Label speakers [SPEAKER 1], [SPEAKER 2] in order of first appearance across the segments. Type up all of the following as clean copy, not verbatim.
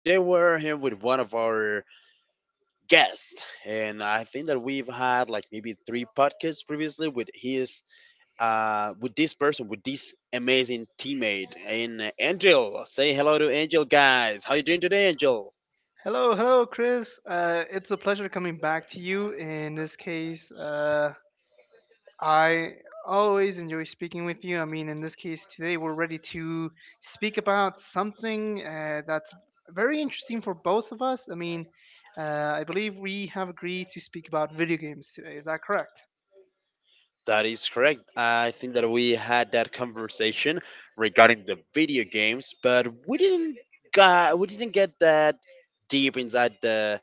[SPEAKER 1] Today, we're here with one of our guests, and I think that we've had like maybe three podcasts previously with with this person, with this amazing teammate, and Angel. Say hello to Angel, guys. How you doing today, Angel?
[SPEAKER 2] Hello, hello, Chris. It's a pleasure coming back to you. In this case, I always enjoy speaking with you. I mean, in this case today, we're ready to speak about something that's very interesting for both of us. I mean, I believe we have agreed to speak about video games today. Is that correct?
[SPEAKER 1] That is correct. I think that we had that conversation regarding the video games, but we didn't get that deep inside the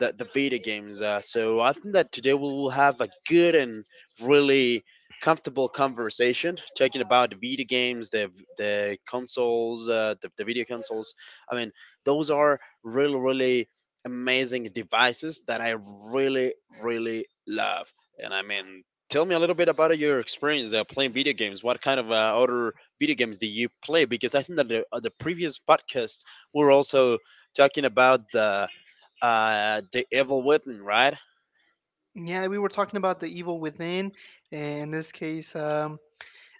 [SPEAKER 1] the, the video games. So I think that today we will have a good and really comfortable conversation talking about the video games, the consoles, the video consoles. I mean, those are really amazing devices that I really really love. And I mean, tell me a little bit about your experience playing video games. What kind of other video games do you play? Because I think that the previous podcast we were also talking about the evil within, right?
[SPEAKER 2] Yeah, we were talking about the evil within. In this case,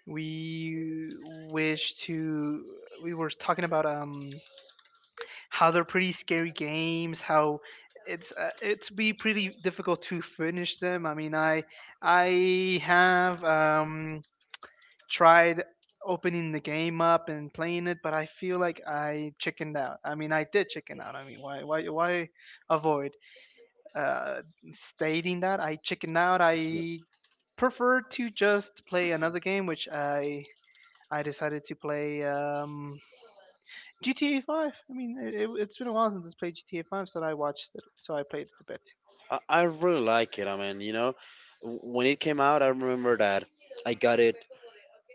[SPEAKER 2] we wish to we were talking about how they're pretty scary games. How it's be pretty difficult to finish them. I have tried opening the game up and playing it, but I feel like I chickened out. I mean, I did chicken out. I mean, why avoid uh stating that I chickened out. I prefer to just play another game which I decided to play GTA 5. I mean, it's been a while since I played GTA 5, so I watched it, so I played it a bit.
[SPEAKER 1] I really like it. I mean, you know, when it came out, I remember that I got it,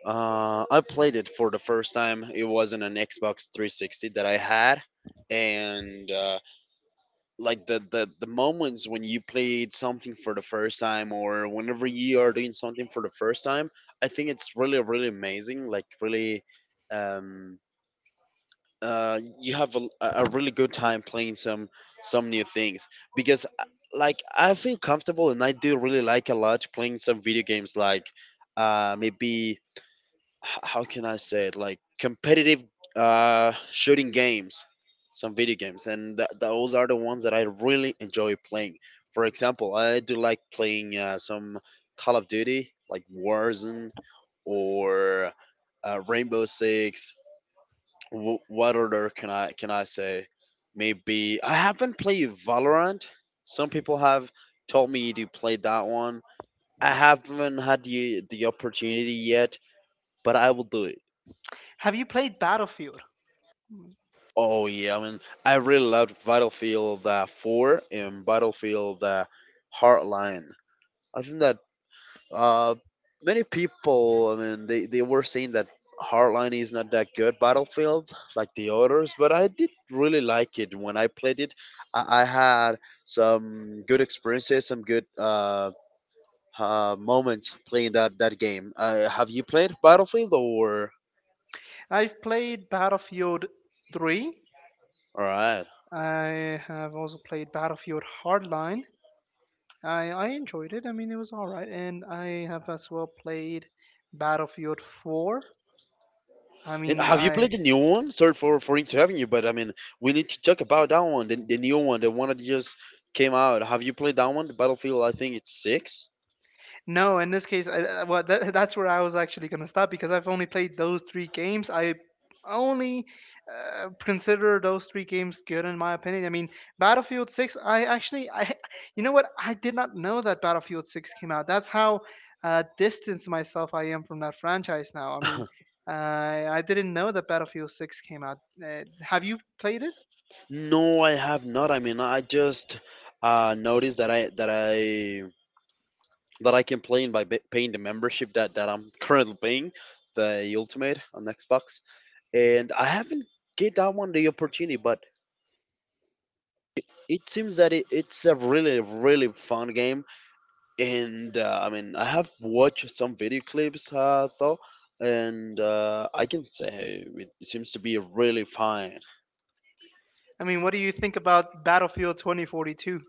[SPEAKER 1] I played it for the first time. It was on an Xbox 360 that I had, and like the moments when you played something for the first time or whenever you are doing something for the first time, I think it's really amazing. Like, really, um you have a really good time playing some new things because like, I feel comfortable and I do really like a lot playing some video games, like maybe how can I say it, like competitive shooting games, some video games, and those are the ones that I really enjoy playing. For example, I do like playing some Call of Duty, like Warzone, or Rainbow Six. What other can I say? Maybe I haven't played Valorant. Some people have told me to play that one. I haven't had the opportunity yet, but I will do it.
[SPEAKER 2] Have you played Battlefield?
[SPEAKER 1] Oh yeah, I mean, I really loved Battlefield 4 and Battlefield Hardline. I think that Uh, many people, I mean, they were saying that Hardline is not that good battlefield like the others, but I did really like it when I played it. I had some good experiences, some good moments playing that game. Have you played Battlefield or?
[SPEAKER 2] I've played Battlefield 3.
[SPEAKER 1] All right.
[SPEAKER 2] I have also played Battlefield Hardline. I enjoyed it. I mean, it was all right. And I have as well played Battlefield 4. I
[SPEAKER 1] And
[SPEAKER 2] mean,
[SPEAKER 1] have you
[SPEAKER 2] I
[SPEAKER 1] played the new one? Sorry for interrupting you, but I mean, we need to talk about that one, the new one, the one that just came out. Have you played that one? The Battlefield, I think it's six.
[SPEAKER 2] No, in this case, well, that's where I was actually going to stop because I've only played those three games. I only consider those three games good in my opinion. I mean, Battlefield 6, I actually, I, you know what? I did not know that Battlefield 6 came out. That's how distanced myself I am from that franchise now. I mean, I didn't know that Battlefield 6 came out. Have you played it?
[SPEAKER 1] No, I have not. I mean, I just noticed that I can play by paying the membership that I'm currently paying, the Ultimate on Xbox, and I haven't get that one the opportunity, but it seems that it's a really fun game, and I mean, I have watched some video clips though, and I can say it seems to be really fun.
[SPEAKER 2] I mean, what do you think about Battlefield 2042?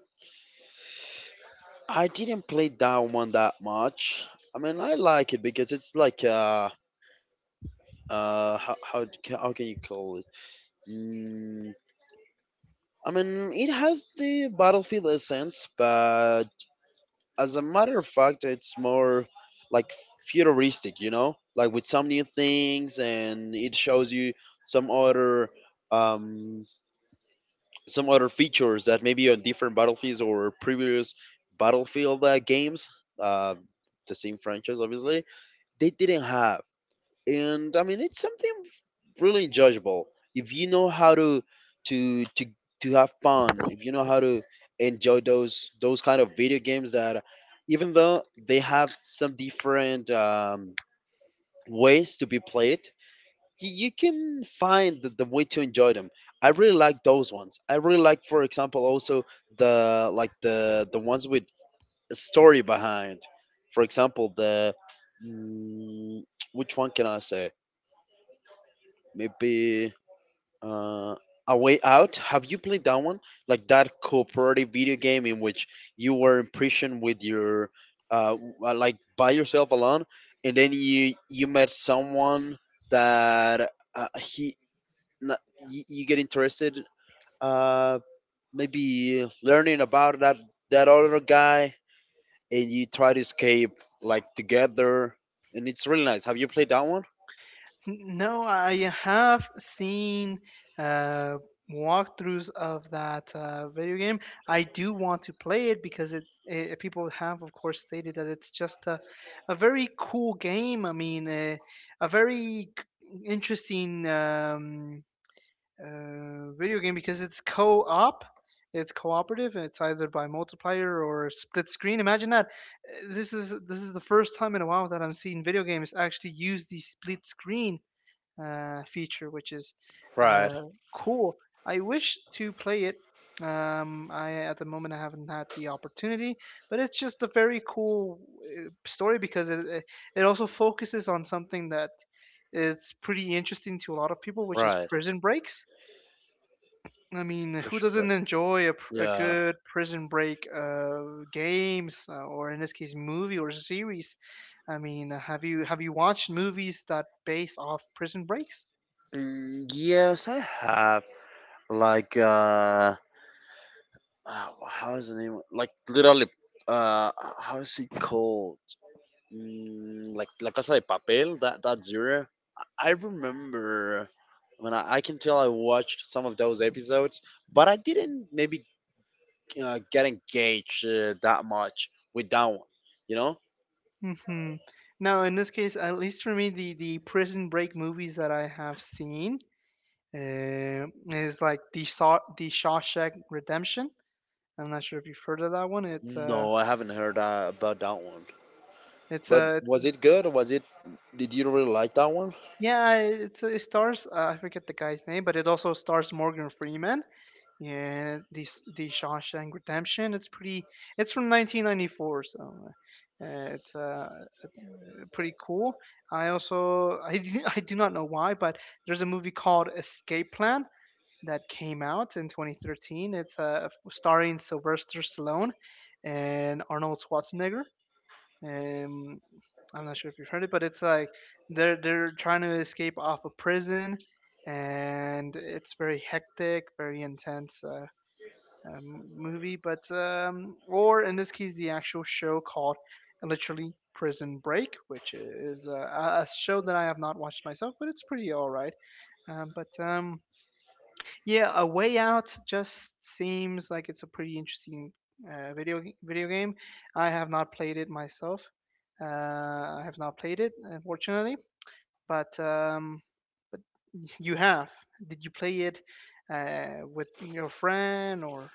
[SPEAKER 1] I didn't play that one that much. I mean, I like it because it's like how can you call it? Mm, I mean, it has the battlefield essence, but as a matter of fact, it's more like futuristic, you know, like with some new things, and it shows you some other um some other features that maybe on different battlefields or previous battlefield games, uh the same franchise, obviously, they didn't have. And I mean, it's something really enjoyable if you know how to to to have fun, if you know how to enjoy those kind of video games that even though they have some different ways to be played, you can find the way to enjoy them. I really like those ones. I really like, for example, also the like the ones with story behind. For example, the mm, which one can I say? Maybe uh, A Way Out. Have you played that one? Like that cooperative video game in which you were in prison with your like by yourself alone, and then you met someone that he not, you get interested. Uh, Maybe learning about that other guy and you try to escape like together, and it's really nice. Have you played that one?
[SPEAKER 2] No, I have seen uh, walkthroughs of that video game. I do want to play it because people have, of course, stated that it's just a very cool game. I mean, a interesting video game because it's co-op. It's cooperative, and it's either by multiplayer or split screen. Imagine that. Eh, this is the first time in a while that I'm seeing video games actually use the split screen feature, which is
[SPEAKER 1] Right,
[SPEAKER 2] uh, cool. I wish to play it. I at the moment I haven't had the opportunity, but it's just a very cool story because it also focuses on something that is pretty interesting to a lot of people, which is
[SPEAKER 1] right.
[SPEAKER 2] prison breaks. I mean, who
[SPEAKER 1] Pressure
[SPEAKER 2] doesn't
[SPEAKER 1] break.
[SPEAKER 2] enjoy a
[SPEAKER 1] Yeah.
[SPEAKER 2] good prison break games, or in this case, movie or series? I mean, have you watched movies that base off prison breaks?
[SPEAKER 1] Yes, I have. Like, how is the name? Like, literally, uh, how is it called? Like La Casa de Papel. That zero. I remember. I mean, I can tell I watched some of those episodes, but I didn't maybe get engaged that much with that one. You know,
[SPEAKER 2] hmm Now, in this case, at least for me, the Prison Break movies that I have seen uh, is like the Saw, the Shawshank Redemption. I'm not sure if you've heard of that one.
[SPEAKER 1] no, I haven't heard about that one.
[SPEAKER 2] It's
[SPEAKER 1] But
[SPEAKER 2] uh,
[SPEAKER 1] was
[SPEAKER 2] it's,
[SPEAKER 1] it good? Was it? Did you really like that one?
[SPEAKER 2] yeah, it's, it stars I forget the guy's name, but it also stars Morgan Freeman. Yeah, the Shawshank Redemption. It's pretty. It's from 1994, so uh, it's pretty cool. I also I do not know why, but there's a movie called Escape Plan that came out in 2013. It's starring Sylvester Stallone and Arnold Schwarzenegger. Um, I'm not sure if you've heard it, but it's like they're trying to escape off a prison, and it's very hectic, very intense. Movie, but or in this case, the actual show called literally Prison Break, which is a show that I have not watched myself, but it's pretty all right. But Yeah, A Way Out just seems like it's a pretty interesting video game. I have not played it myself. I have not played it, unfortunately. But you have. Did you play it with your friend or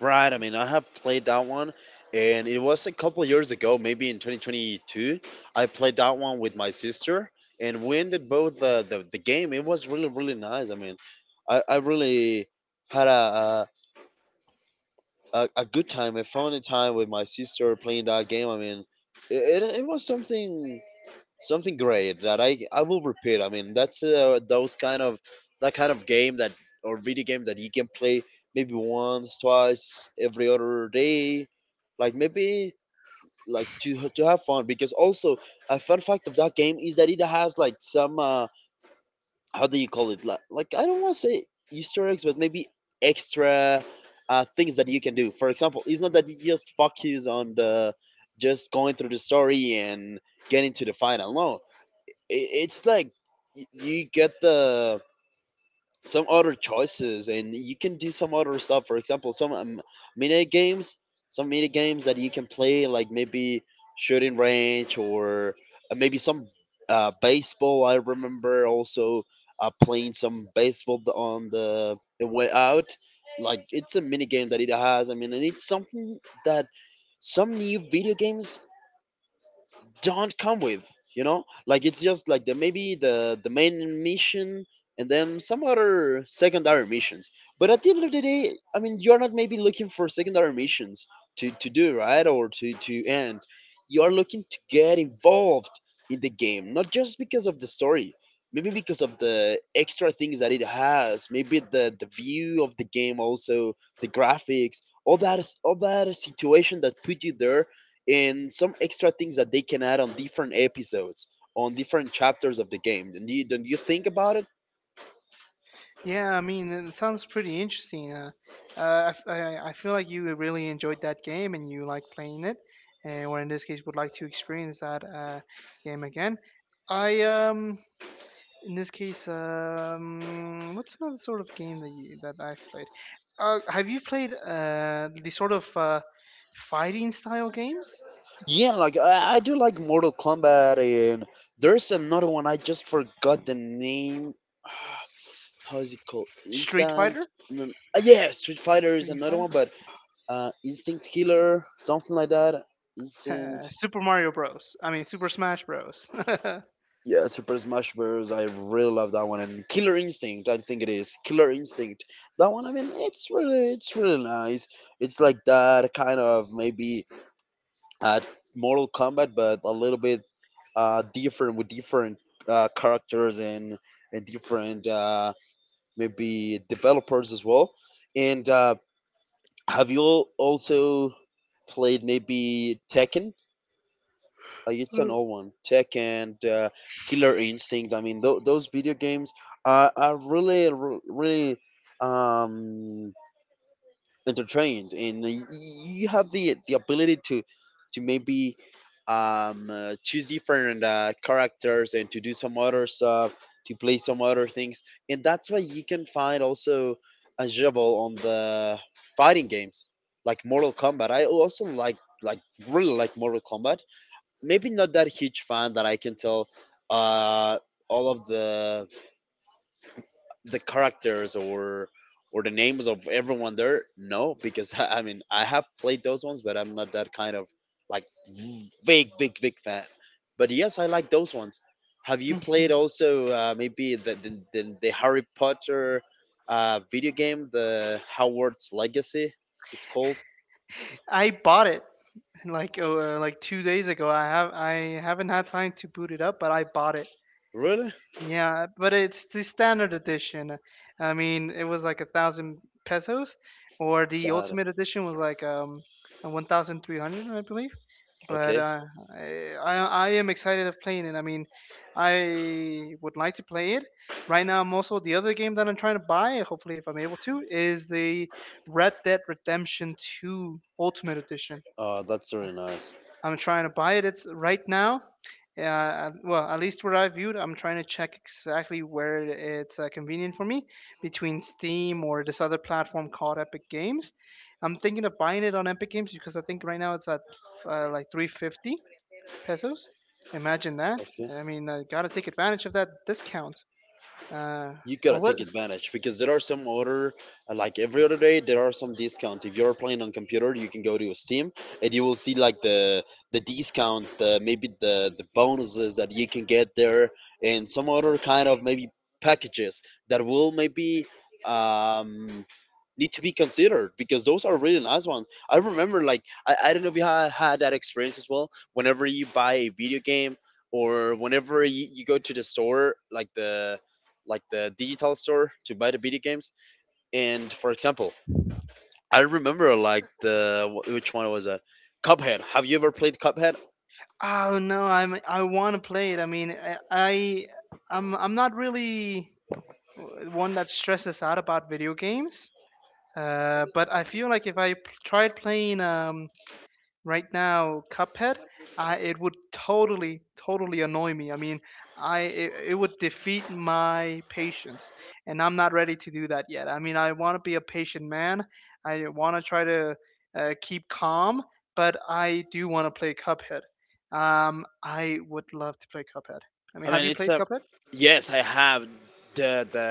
[SPEAKER 1] Right. I mean, I have played that one, and it was a couple years ago, maybe in 2022. I played that one with my sister, and we ended both the game. It was really nice. I mean, I really had a good time. A found time with my sister playing that game. I mean, it was something something great that I will repeat. I mean, that's those kind of that kind of game that, or video game that, you can play maybe once, twice every other day, like maybe like to have fun. Because also, a fun fact of that game is that it has like some, how do you call it, like, I don't want to say Easter eggs, but maybe extra. Things that you can do. For example, it's not that you just focus on the just going through the story and getting to the final. No, it's like you get the some other choices and you can do some other stuff. For example, some mini games, some mini games that you can play, like maybe shooting range, or maybe some baseball. I remember also playing some baseball on the Way Out. Like, it's a mini game that it has. I mean, and it's something that some new video games don't come with, you know, like it's just like the maybe the main mission and then some other secondary missions. But at the end of the day, I mean, you're not maybe looking for secondary missions to do, right, or to end. You are looking to get involved in the game, not just because of the story, maybe because of the extra things that it has, maybe the view of the game also, the graphics, all that, is all that situation that put you there, and some extra things that they can add on different episodes, on different chapters of the game. Do you, do you think about it?
[SPEAKER 2] Yeah, I mean, it sounds pretty interesting. I feel like you really enjoyed that game and you like playing it, and or in this case, would like to experience that game again. I in this case, what's another sort of game that you that I've played? Have you played the sort of fighting style games?
[SPEAKER 1] Yeah, like, I do like Mortal Kombat, and there's another one. I just forgot the name. How is it called?
[SPEAKER 2] Street
[SPEAKER 1] Instant.
[SPEAKER 2] Fighter,
[SPEAKER 1] No, yeah, Street Fighter is
[SPEAKER 2] Street
[SPEAKER 1] another
[SPEAKER 2] Fighter,
[SPEAKER 1] one, but instinct killer, something like that. Instant.
[SPEAKER 2] Super Mario Bros. I mean, Super Smash Bros.
[SPEAKER 1] Yeah, Super Smash Bros. I really love that one, and Killer Instinct. I think it is Killer Instinct. That one, I mean, it's really nice. It's like that kind of, maybe, uh, Mortal Kombat, but a little bit different, with different characters and different maybe developers as well. And have you also played, maybe, Tekken? It's an old one. Tekken, Killer Instinct. I mean, those video games are really, really um, entertained, and you have the ability to maybe choose different characters and to do some other stuff, to play some other things, and that's why you can find also a jibble on the fighting games, like Mortal Kombat. I also like really like Mortal Kombat. Maybe not that huge fan that I can tell uh, all of the characters or the names of everyone there. No, because I mean, I have played those ones, but I'm not that kind of like big fan. But yes, I like those ones. Have you played also maybe the Harry Potter video game, the Howard's Legacy? It's called.
[SPEAKER 2] I bought it. And like two days ago, I haven't had time to boot it up, but I bought it.
[SPEAKER 1] Really?
[SPEAKER 2] Yeah, but it's the standard edition. I mean, it was like a thousand pesos, or the
[SPEAKER 1] Got it.
[SPEAKER 2] ultimate edition was like 1,300, I believe. But
[SPEAKER 1] Okay.
[SPEAKER 2] I I am excited of playing it. I mean, I would like to play it. Right now, I'm also the other game that I'm trying to buy. Hopefully, if I'm able to, is the Red Dead Redemption Two Ultimate Edition.
[SPEAKER 1] That's really nice.
[SPEAKER 2] I'm trying to buy it. It's right now. Well, at least where I viewed, I'm trying to check exactly where it's convenient for me between Steam or this other platform called Epic Games. I'm thinking of buying it on Epic Games because I think right now it's at like 350 pesos. Imagine that.
[SPEAKER 1] Okay.
[SPEAKER 2] I mean, I gotta take advantage of that discount. Uh,
[SPEAKER 1] You
[SPEAKER 2] or
[SPEAKER 1] gotta
[SPEAKER 2] what?
[SPEAKER 1] take advantage because there are some other, like, every other day there are some discounts. If you're playing on computer, you can go to Steam and you will see, like, the discounts, the maybe the bonuses that you can get there, and some other kind of maybe packages that will maybe um need to be considered because those are really nice ones. I remember, like, I don't know if you had that experience as well. Whenever you buy a video game, or whenever you go to the store, like the digital store to buy the video games. And for example, I remember, like, which one was it? Cuphead. Have you ever played Cuphead?
[SPEAKER 2] Oh no, I'm I want to play it. I mean, I'm not really one that stresses out about video games. But I feel like if I tried playing right now Cuphead, it would totally, totally annoy me. I mean, I it, it would defeat my patience, and I'm not ready to do that yet. I mean, I want to be a patient man. I want to try to keep calm, but I do want to play Cuphead. I would love to play Cuphead. I
[SPEAKER 1] I
[SPEAKER 2] mean, have
[SPEAKER 1] mean,
[SPEAKER 2] you
[SPEAKER 1] it's
[SPEAKER 2] played
[SPEAKER 1] a
[SPEAKER 2] Cuphead?
[SPEAKER 1] Yes, I have the the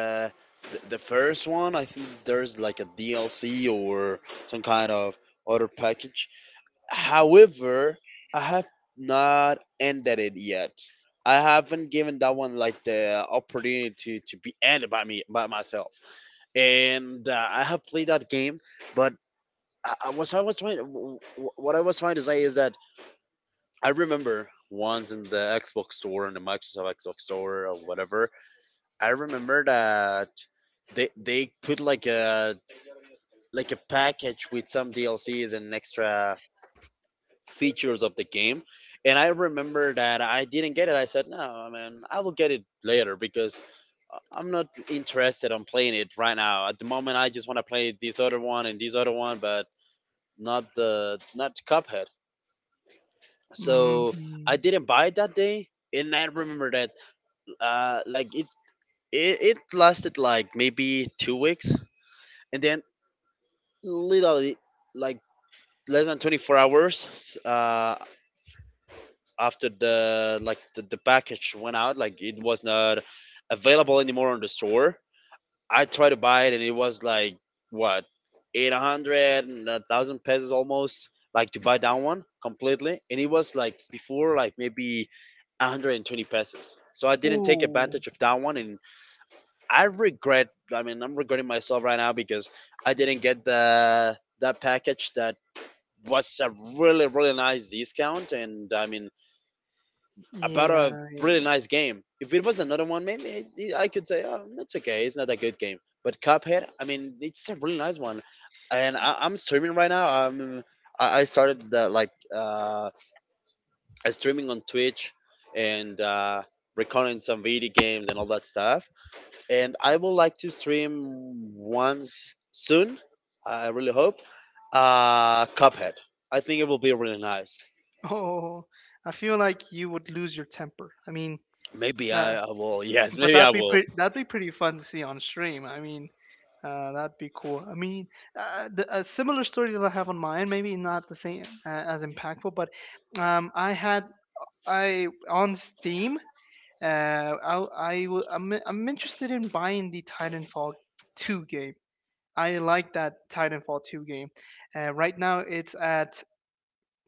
[SPEAKER 1] the first one. I think there's like a DLC or some kind of other package. However, I have not ended it yet. I haven't given that one like the opportunity to be ended by me by myself. And I have played that game, but I was trying, what I was trying to say is that I remember once in the Xbox store, in the Microsoft Xbox store or whatever. I remember that they put like a package with some DLCs and extra features of the game. And I remember that I didn't get it. I said, no, I mean, I will get it later because I'm not interested on playing it right now. At the moment, I just want to play this other one and this other one, but not Cuphead. So
[SPEAKER 2] Mm-hmm.
[SPEAKER 1] I didn't buy it that day, and I remember that like it lasted like maybe 2 weeks, and then literally, like, less than 24 hours after the package went out, like, it was not available anymore on the store. I tried to buy it, and it was like, what, 800 and 1,000 pesos almost, like, to buy down one completely. And it was like before, like maybe 120 pesos. So I didn't take
[SPEAKER 2] Ooh,
[SPEAKER 1] advantage of that one, and I regret. I mean, I'm regretting myself right now because I didn't get the that package, that was a really, really nice discount, and, I mean, about a
[SPEAKER 2] yeah.
[SPEAKER 1] really nice game. If it was another one, maybe I could say, oh, it's okay, it's not a good game. But Cuphead, I mean, it's a really nice one, and I'm streaming right now. I started the, like I streaming on Twitch, and recording some video games and all that stuff. And I would like to stream once soon, I really hope. Cuphead. I think it will be really nice.
[SPEAKER 2] Oh, I feel like you would lose your temper. I mean,
[SPEAKER 1] Maybe
[SPEAKER 2] nah,
[SPEAKER 1] I will. Yes,
[SPEAKER 2] but
[SPEAKER 1] maybe I
[SPEAKER 2] that'd be
[SPEAKER 1] will.
[SPEAKER 2] pretty. That'd be pretty fun to see on stream. I mean, that'd be cool. I mean, a similar story that I have on mine, maybe not the same as impactful, but um, I had I on Steam. I'm interested in buying the Titanfall 2 game. I like that Titanfall 2 game. Right now it's at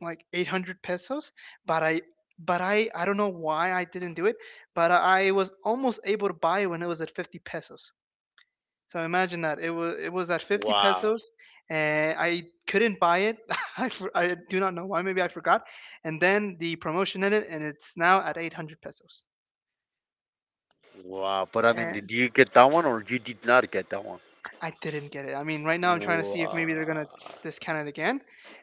[SPEAKER 2] like 800 pesos, but I but I don't know why I didn't do it, but I was almost able to buy it when it was at 50 pesos. So imagine that, it was at 50
[SPEAKER 1] Wow.
[SPEAKER 2] pesos, and I couldn't buy it. I do not know why. Maybe I forgot, and then the promotion ended, and it's now at 800 pesos.
[SPEAKER 1] Wow, but I mean, did you get that one or you did not get that one?
[SPEAKER 2] I didn't get it. I mean, right now I'm trying to see if maybe they're gonna
[SPEAKER 1] Wow.
[SPEAKER 2] discount it again,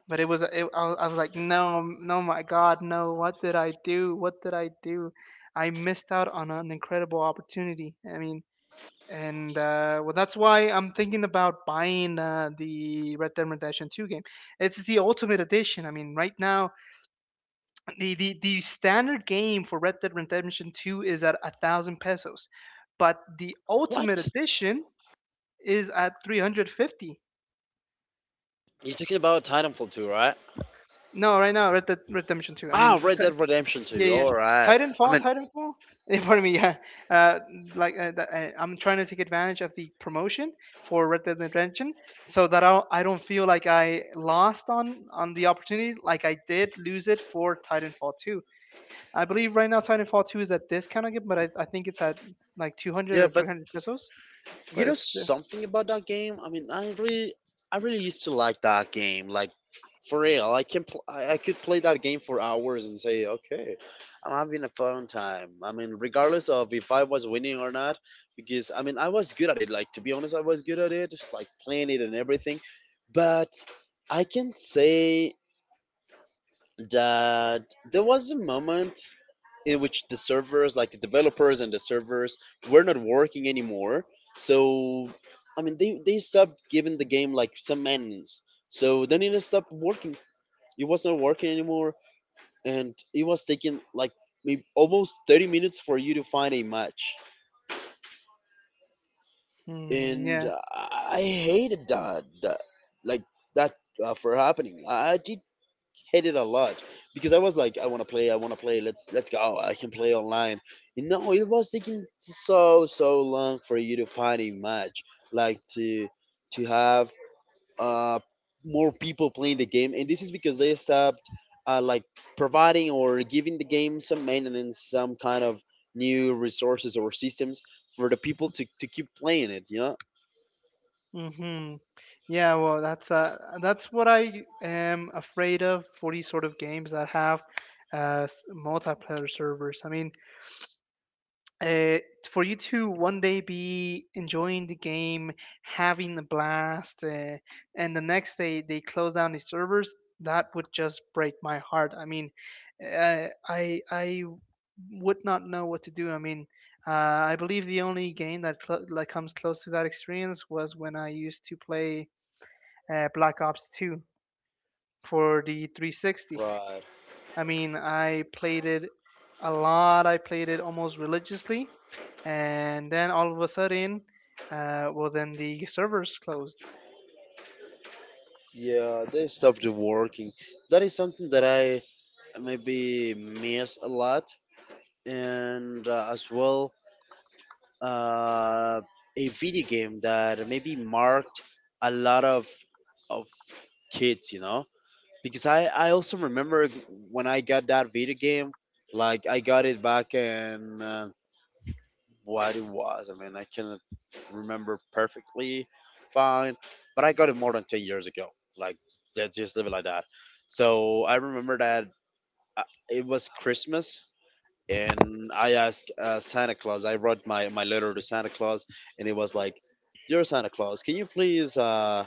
[SPEAKER 2] but I was like, no, no, my God, no! What did I do? What did I do? I missed out on an incredible opportunity. I mean, and well, that's why I'm thinking about buying the Red Dead Redemption 2 game. It's the ultimate edition. I mean, right now the standard game for Red Dead Redemption 2 is at 1,000 pesos, but the ultimate
[SPEAKER 1] What?
[SPEAKER 2] edition is at 350
[SPEAKER 1] You're talking about Titanfall 2, right?
[SPEAKER 2] No, right now Red Dead Redemption 2. I
[SPEAKER 1] Ah,
[SPEAKER 2] mean,
[SPEAKER 1] Red
[SPEAKER 2] t-
[SPEAKER 1] Dead Redemption
[SPEAKER 2] yeah,
[SPEAKER 1] 2.
[SPEAKER 2] yeah.
[SPEAKER 1] All right. I
[SPEAKER 2] Titanfall,
[SPEAKER 1] mean,
[SPEAKER 2] Titanfall. Yeah, pardon me. Yeah, uh, I'm trying to take advantage of the promotion for Red Dead Redemption, so that I don't feel like I lost on the opportunity, like I did lose it for Titanfall 2. I believe right now Titanfall 2 is at discount again, but I think it's at like 200
[SPEAKER 1] yeah,
[SPEAKER 2] or
[SPEAKER 1] but
[SPEAKER 2] 300 pesos.
[SPEAKER 1] you know
[SPEAKER 2] But it's
[SPEAKER 1] something about that game? I mean, I really used to like that game. Like, for real, I can, pl- I could play that game for hours and say, okay, I'm having a fun time. I mean, regardless of if I was winning or not, because, I mean, I was good at it. Like, to be honest, I was good at it, like, playing it and everything. But I can say that there was a moment in which the servers, like the developers and the servers, were not working anymore. So, I mean, they stopped giving the game like some maintenance. So then it stopped working. It was not working anymore, and it was taking like maybe almost 30 minutes for you to find a match.
[SPEAKER 2] Uh hmm,
[SPEAKER 1] And
[SPEAKER 2] yeah.
[SPEAKER 1] I hated like that for happening. I did hate it a lot because I was like, I want to play, I want to play. Let's go. I can play online. You know, it was taking so, so long for you to find a match, like to have uh more people playing the game. And this is because they stopped, like, providing or giving the game some maintenance, some kind of new resources or systems for the people to keep playing it.
[SPEAKER 2] hmm Yeah, well, that's what I am afraid of for these sort of games that have multiplayer servers. I mean, uh, for you to one day be enjoying the game, having a blast, and the next day they close down the servers, that would just break my heart. I mean, I would not know what to do. I mean, I believe the only game that that comes close to that experience was when I used to play Black Ops 2 for the 360.
[SPEAKER 1] Right.
[SPEAKER 2] I mean, I played it a lot. I played it almost religiously, and then all of a sudden, well, then the servers closed.
[SPEAKER 1] Yeah, they stopped working. That is something that I maybe miss a lot, and, as well, uh, a video game that maybe marked a lot of kids, because I also remember when I got that video game, like I got it back in, what it was. I mean, I cannot remember perfectly fine, but I got it more than 10 years ago. Like, let's just leave it like that. So I remember that, uh, it was Christmas. And I asked, Santa Claus. I wrote my letter to Santa Claus, and it was like, "Dear Santa Claus, can you please,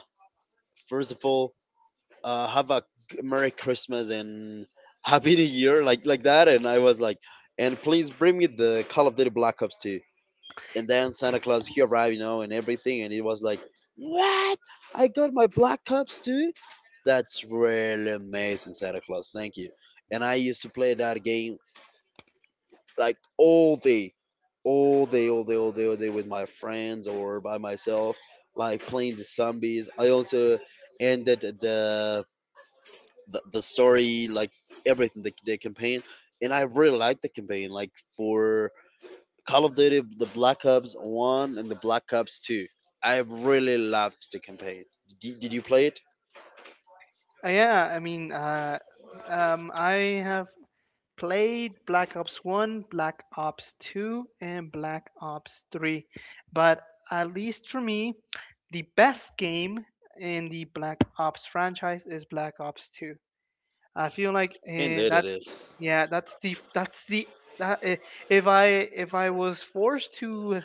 [SPEAKER 1] first of all, have a Merry Christmas and Happy New Year, like that?" And I was like, "And please bring me the Call of Duty Black Ops 2." And then Santa Claus, he arrived, you know, and everything, and it was like, what? I got my black cups too. That's really amazing, Santa Claus. Thank you. And I used to play that game like all day, all day, all day, all day, all day with my friends or by myself, like playing the zombies. I also ended the story, like everything, the campaign, and I really liked the campaign, like for Call of Duty, the Black Ops 1 and the Black Ops 2. I really loved the campaign. Did you play it?
[SPEAKER 2] Yeah, I mean, I have played Black Ops 1, Black Ops 2, and Black Ops 3, but at least for me, the best game in the Black Ops franchise is Black Ops 2. I feel like
[SPEAKER 1] Indeed, it is.
[SPEAKER 2] that's the that, eh, if I if I was forced to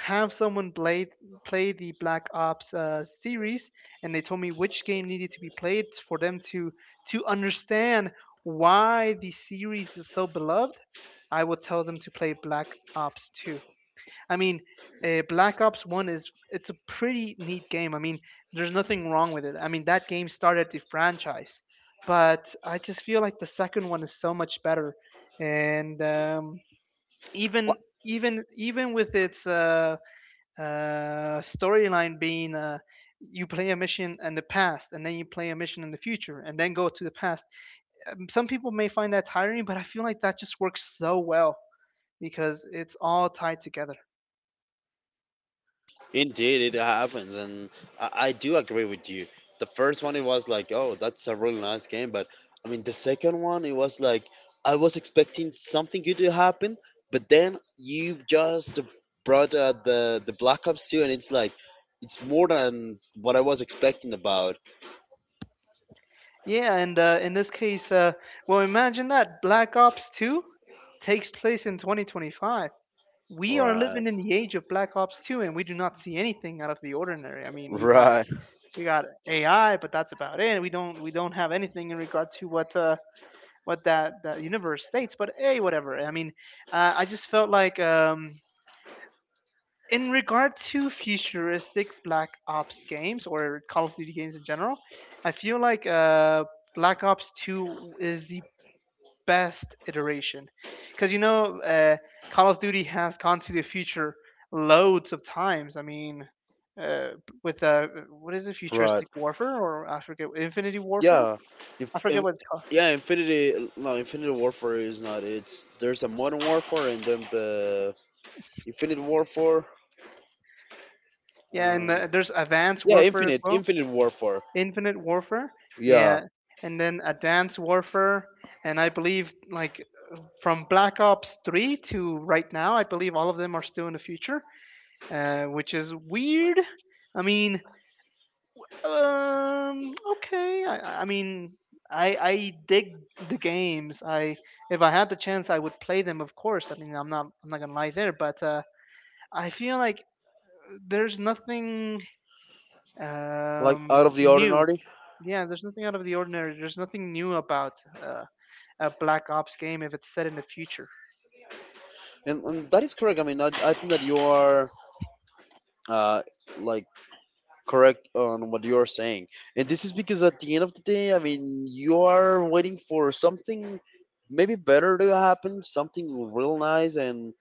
[SPEAKER 2] have someone play the Black Ops series, and they told me which game needed to be played for them to understand why the series is so beloved, I would tell them to play Black Ops 2. I mean, Black Ops One is it's a pretty neat game. I mean, there's nothing wrong with it. I mean, that game started the franchise, but I just feel like the second one is so much better, and even
[SPEAKER 1] Well,
[SPEAKER 2] even with its storyline being. You play a mission in the past and then you play a mission in the future and then go to the past. Some people may find that tiring, but I feel like that just works so well because it's all tied together.
[SPEAKER 1] indeed, it happens, and I do agree with you. The first one, it was like, oh, that's a really nice game, but, I mean, the second one, it was like, I was expecting something good to happen, but then you just brought, the Black Ops 2, and it's like, it's more than what I was expecting about.
[SPEAKER 2] Yeah, and in this case, well, imagine that Black Ops 2 takes place in 2025. We are
[SPEAKER 1] Right,
[SPEAKER 2] living in the age of Black Ops 2, and we do not see anything out of the ordinary. I mean, we got
[SPEAKER 1] right,
[SPEAKER 2] we got AI, but that's about it. We don't have anything in regard to what that universe states. But hey, whatever. I mean, I just felt like in regard to futuristic Black Ops games or Call of Duty games in general, I feel like Black Ops 2 is the best iteration because Call of Duty has gone to the future loads of times. I mean, uh, with what is it,
[SPEAKER 1] right.
[SPEAKER 2] futuristic warfare, or I forget, infinity warfare,
[SPEAKER 1] Yeah,
[SPEAKER 2] I
[SPEAKER 1] if,
[SPEAKER 2] forget
[SPEAKER 1] if
[SPEAKER 2] what it's called.
[SPEAKER 1] yeah, Infinity, no, Infinity Warfare is not. It's there's a Modern Warfare and then the Infinite Warfare.
[SPEAKER 2] Yeah, and
[SPEAKER 1] Uh,
[SPEAKER 2] there's advanced
[SPEAKER 1] yeah,
[SPEAKER 2] warfare as well,
[SPEAKER 1] Infinite Warfare.
[SPEAKER 2] infinite warfare.
[SPEAKER 1] Yeah,
[SPEAKER 2] Yeah, and then advanced warfare, and I believe like from Black Ops 3 to right now, I believe all of them are still in the future, which is weird. I mean, Okay. I mean, I dig the games. I. If I had the chance, I would play them. Of course. I mean, I'm not gonna lie there. But I feel like there's nothing
[SPEAKER 1] like, out of the
[SPEAKER 2] new.
[SPEAKER 1] ordinary,
[SPEAKER 2] Yeah. There's nothing out of the ordinary. There's nothing new about a Black Ops game if it's set in the future.
[SPEAKER 1] and that is correct. I mean, I think that you are uh like correct on what you are saying, and this is because at the end of the day, I mean, you are waiting for something maybe better to happen, something real nice, and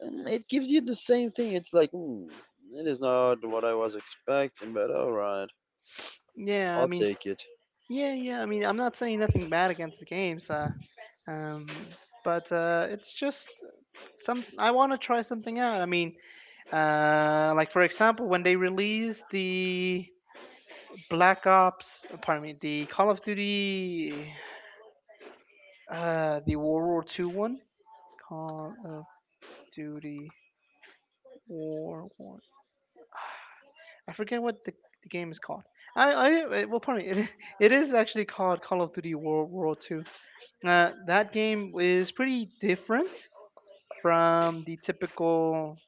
[SPEAKER 1] and it gives you the same thing. It's like, it is not what I was expecting, but, all right,
[SPEAKER 2] Yeah. I
[SPEAKER 1] I'll
[SPEAKER 2] mean.
[SPEAKER 1] take it.
[SPEAKER 2] Yeah. Yeah. I mean, I'm not saying nothing bad against the games. Um. But it's just some. I want to try something out. I mean. Like for example, when they released the Black Ops, pardon me, the Call of Duty, the World War 2 one, Call of Duty War One. I forget what the game is called. I, well, pardon me, it is actually called Call of Duty World War Two. That game is pretty different from the typical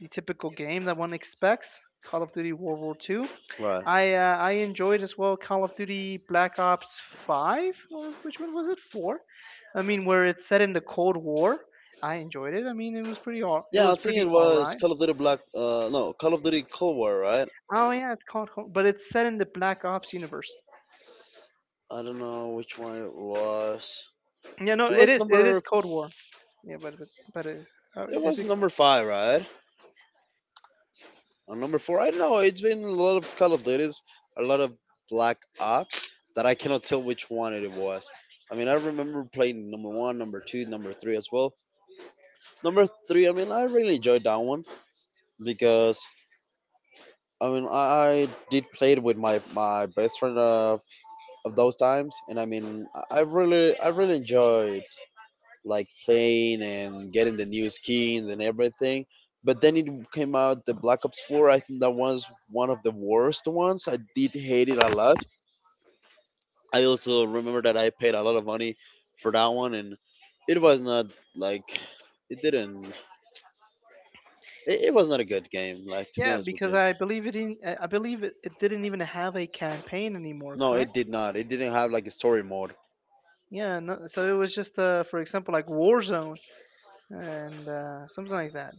[SPEAKER 2] the typical game that one expects. Call of Duty World War Two.
[SPEAKER 1] Right.
[SPEAKER 2] I enjoyed as well Call of Duty Black Ops Five, or which one was it, four? I mean, where it's set in the Cold War. I enjoyed it. I mean, it
[SPEAKER 1] Yeah, I
[SPEAKER 2] was
[SPEAKER 1] think it
[SPEAKER 2] pretty all
[SPEAKER 1] was
[SPEAKER 2] right.
[SPEAKER 1] Call of Duty Black. No, Call of Duty Cold War, right?
[SPEAKER 2] Oh yeah, it's called Cold, but it's set in the Black Ops universe.
[SPEAKER 1] I don't know which one it was.
[SPEAKER 2] Yeah, no,
[SPEAKER 1] It
[SPEAKER 2] it
[SPEAKER 1] was
[SPEAKER 2] is, it
[SPEAKER 1] number.
[SPEAKER 2] is Cold War. Yeah, but it,
[SPEAKER 1] It
[SPEAKER 2] is
[SPEAKER 1] was
[SPEAKER 2] it?
[SPEAKER 1] number five, right? On number four, I don't know. It's been a lot of Call of Duties, a lot of Black Ops, that I cannot tell which one it was. I mean, I remember playing number one, number two, number three as well. Number three, I mean, I really enjoyed that one because, I mean, I did play it with my best friend of those times, and, I mean, I really enjoyed like playing and getting the new skins and everything. But then it came out, the Black Ops 4. I think that was one of the worst ones. I did hate it a lot. I also remember that I paid a lot of money for that one, and it was not, like, it didn't. It was not a good game. Like, to be
[SPEAKER 2] Yeah,
[SPEAKER 1] honest with
[SPEAKER 2] because
[SPEAKER 1] you,
[SPEAKER 2] I believe it, it didn't even have a campaign anymore.
[SPEAKER 1] no,
[SPEAKER 2] Correct.
[SPEAKER 1] it did not. It didn't have like a story mode.
[SPEAKER 2] Yeah, no, so it was just for example, like Warzone and something like that.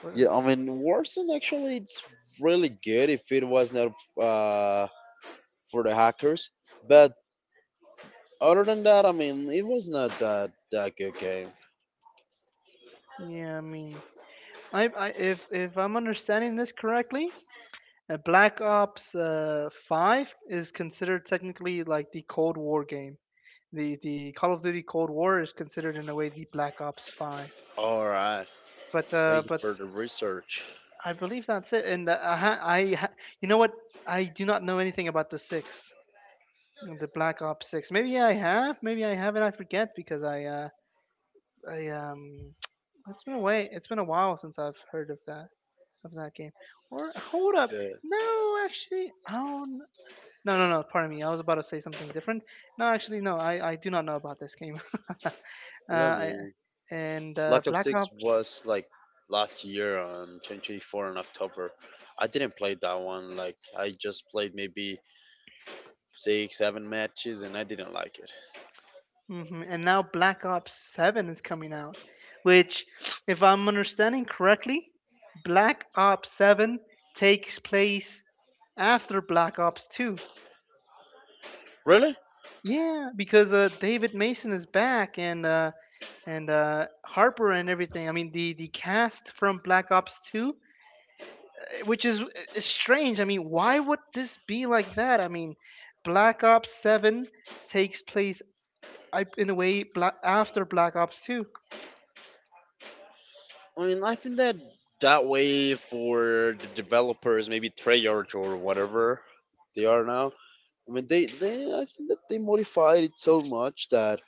[SPEAKER 2] What?
[SPEAKER 1] Yeah, I mean, Warzone, actually it's really good if it was not, uh, for the hackers. But other than that, I mean, it was not that good game.
[SPEAKER 2] Yeah, I mean, I if I'm understanding this correctly, Black Ops Five is considered technically like the Cold War game. The Call of Duty Cold War is considered in a way the Black Ops Five.
[SPEAKER 1] All right.
[SPEAKER 2] But
[SPEAKER 1] Thank you for the research.
[SPEAKER 2] I believe that's it. And you know what? I do not know anything about the six, the Black Ops Six. Maybe I have, maybe I haven't. I forget because I it's been a way. It's been a while since I've heard of that game. Or hold up,
[SPEAKER 1] Yeah,
[SPEAKER 2] no, actually, no, no, no. Pardon me. I was about to say something different. No, actually, no. I do not know about this game. uh,
[SPEAKER 1] yeah,
[SPEAKER 2] I,
[SPEAKER 1] man.
[SPEAKER 2] and
[SPEAKER 1] Black Ops
[SPEAKER 2] Black
[SPEAKER 1] 6
[SPEAKER 2] Ops,
[SPEAKER 1] was like last year on '24 in October. I didn't play that one. Like, I just played maybe six, seven matches, and I didn't like it.
[SPEAKER 2] and now Black Ops Seven is coming out, which, if I'm understanding correctly, Black Ops Seven takes place after Black Ops 2.
[SPEAKER 1] Really?
[SPEAKER 2] Yeah, because David Mason is back, and Harper and everything. I mean, the cast from Black Ops Two, eh, which is, is strange. I mean, why would this be like that? I mean, Black Ops Seven takes place in a way bla after Black Ops Two.
[SPEAKER 1] I mean, I think that that way for the developers, maybe Treyarch or whatever they are now. I mean, they I think that they modified it so much that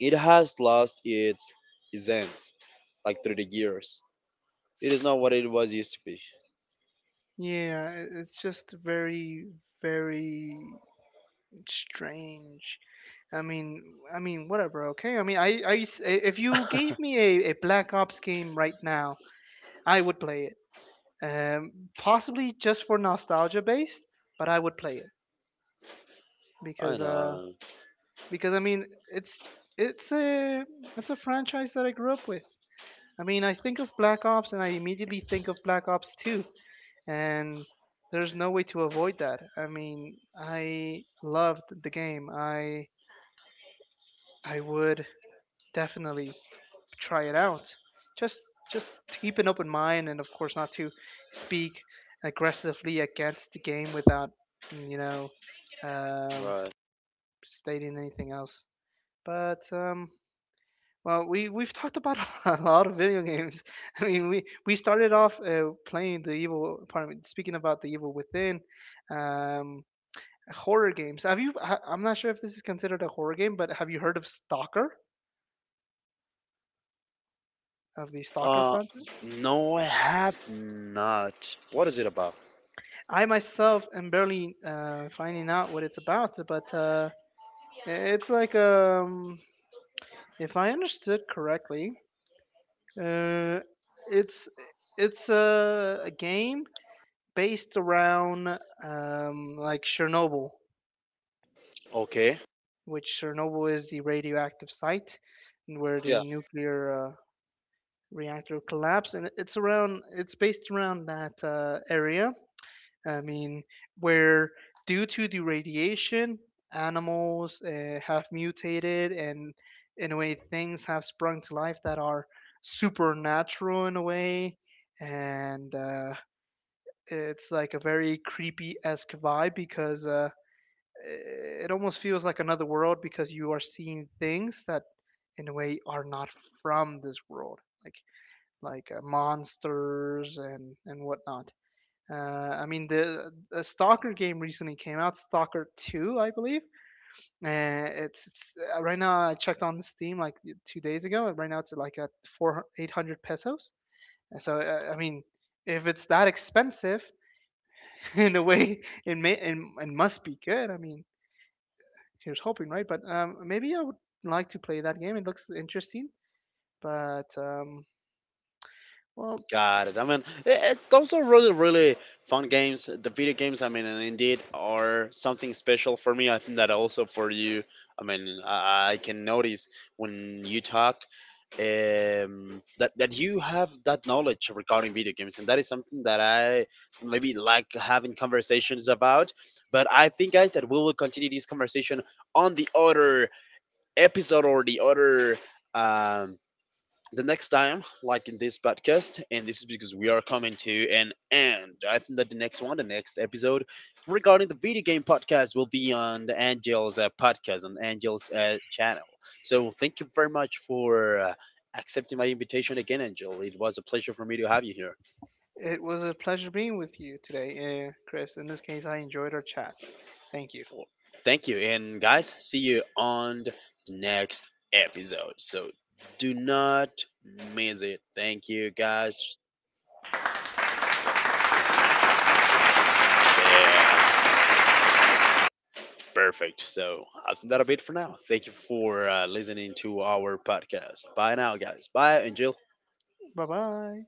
[SPEAKER 1] it has lost its essence, like through the years. It is not what it was used to be.
[SPEAKER 2] Yeah, it- it's just very very strange. I mean, whatever. Okay, I mean, if you gave me a Black Ops game right now, I would play it. Possibly just for nostalgia based, but I would play it
[SPEAKER 1] I
[SPEAKER 2] because uh
[SPEAKER 1] know,
[SPEAKER 2] because I mean it's a franchise that I grew up with. I mean I think of Black Ops and I immediately think of Black Ops 2, and there's no way to avoid that. I mean I loved the game. I would definitely try it out. Just just to keep an open mind, and of course not to speak aggressively against the game without you know um,
[SPEAKER 1] right?
[SPEAKER 2] stating anything else. But well, we've talked about a lot of video games. I mean, we started off playing the evil. Pardon me, speaking about The Evil Within. Um, Horror games. Have you? I- I'm not sure if this is considered a horror game, but have you heard of Stalker? Of the Stalker
[SPEAKER 1] Uh,
[SPEAKER 2] franchise?
[SPEAKER 1] no, I have not. What is it about?
[SPEAKER 2] I myself am barely finding out what it's about, but it's like if I understood correctly, uh, it's a game based around like Chernobyl,
[SPEAKER 1] Okay.
[SPEAKER 2] which Chernobyl is the radioactive site and where the
[SPEAKER 1] Yeah.
[SPEAKER 2] nuclear reactor collapsed, and it's based around that area, I mean, where due to the radiation, animals have mutated and, in a way, things have sprung to life that are supernatural in a way. And it's like a very creepy esque vibe because it almost feels like another world because you are seeing things that, in a way, are not from this world, like like monsters and whatnot. I mean, the Stalker game recently came out, Stalker 2, I believe. And it's right now I checked on Steam like 2 days ago. Right now it's like at 4,800 pesos. And so I mean, if it's that expensive, in a way, it may it must be good. I mean, here's hoping, right? But maybe I would like to play that game. It looks interesting. But well,
[SPEAKER 1] Got it. I mean, those are really, really fun games. The video games, I mean, and indeed are something special for me. I think that also for you. I mean, I can notice when you talk, that you have that knowledge regarding video games, and that is something that I maybe like having conversations about. But I think, guys, that we will continue this conversation on the other episode, or the other, um, the next time, like, in this podcast, and this is because we are coming to an end. I think that the next one, the next episode regarding the video game podcast, will be on the Angels podcast, on Angels channel. So thank you very much for accepting my invitation again, Angel. It was a pleasure for me to have you here.
[SPEAKER 2] it was a pleasure being with you today, Chris. In this case, I enjoyed our chat. Thank you.
[SPEAKER 1] For- Thank you, and guys, see you on the next episode. So do not miss it. Thank you, guys. That's it. Perfect. So I think that'll be it for now. Thank you for listening to our podcast. Bye now, guys. Bye, Angel.
[SPEAKER 2] Bye bye.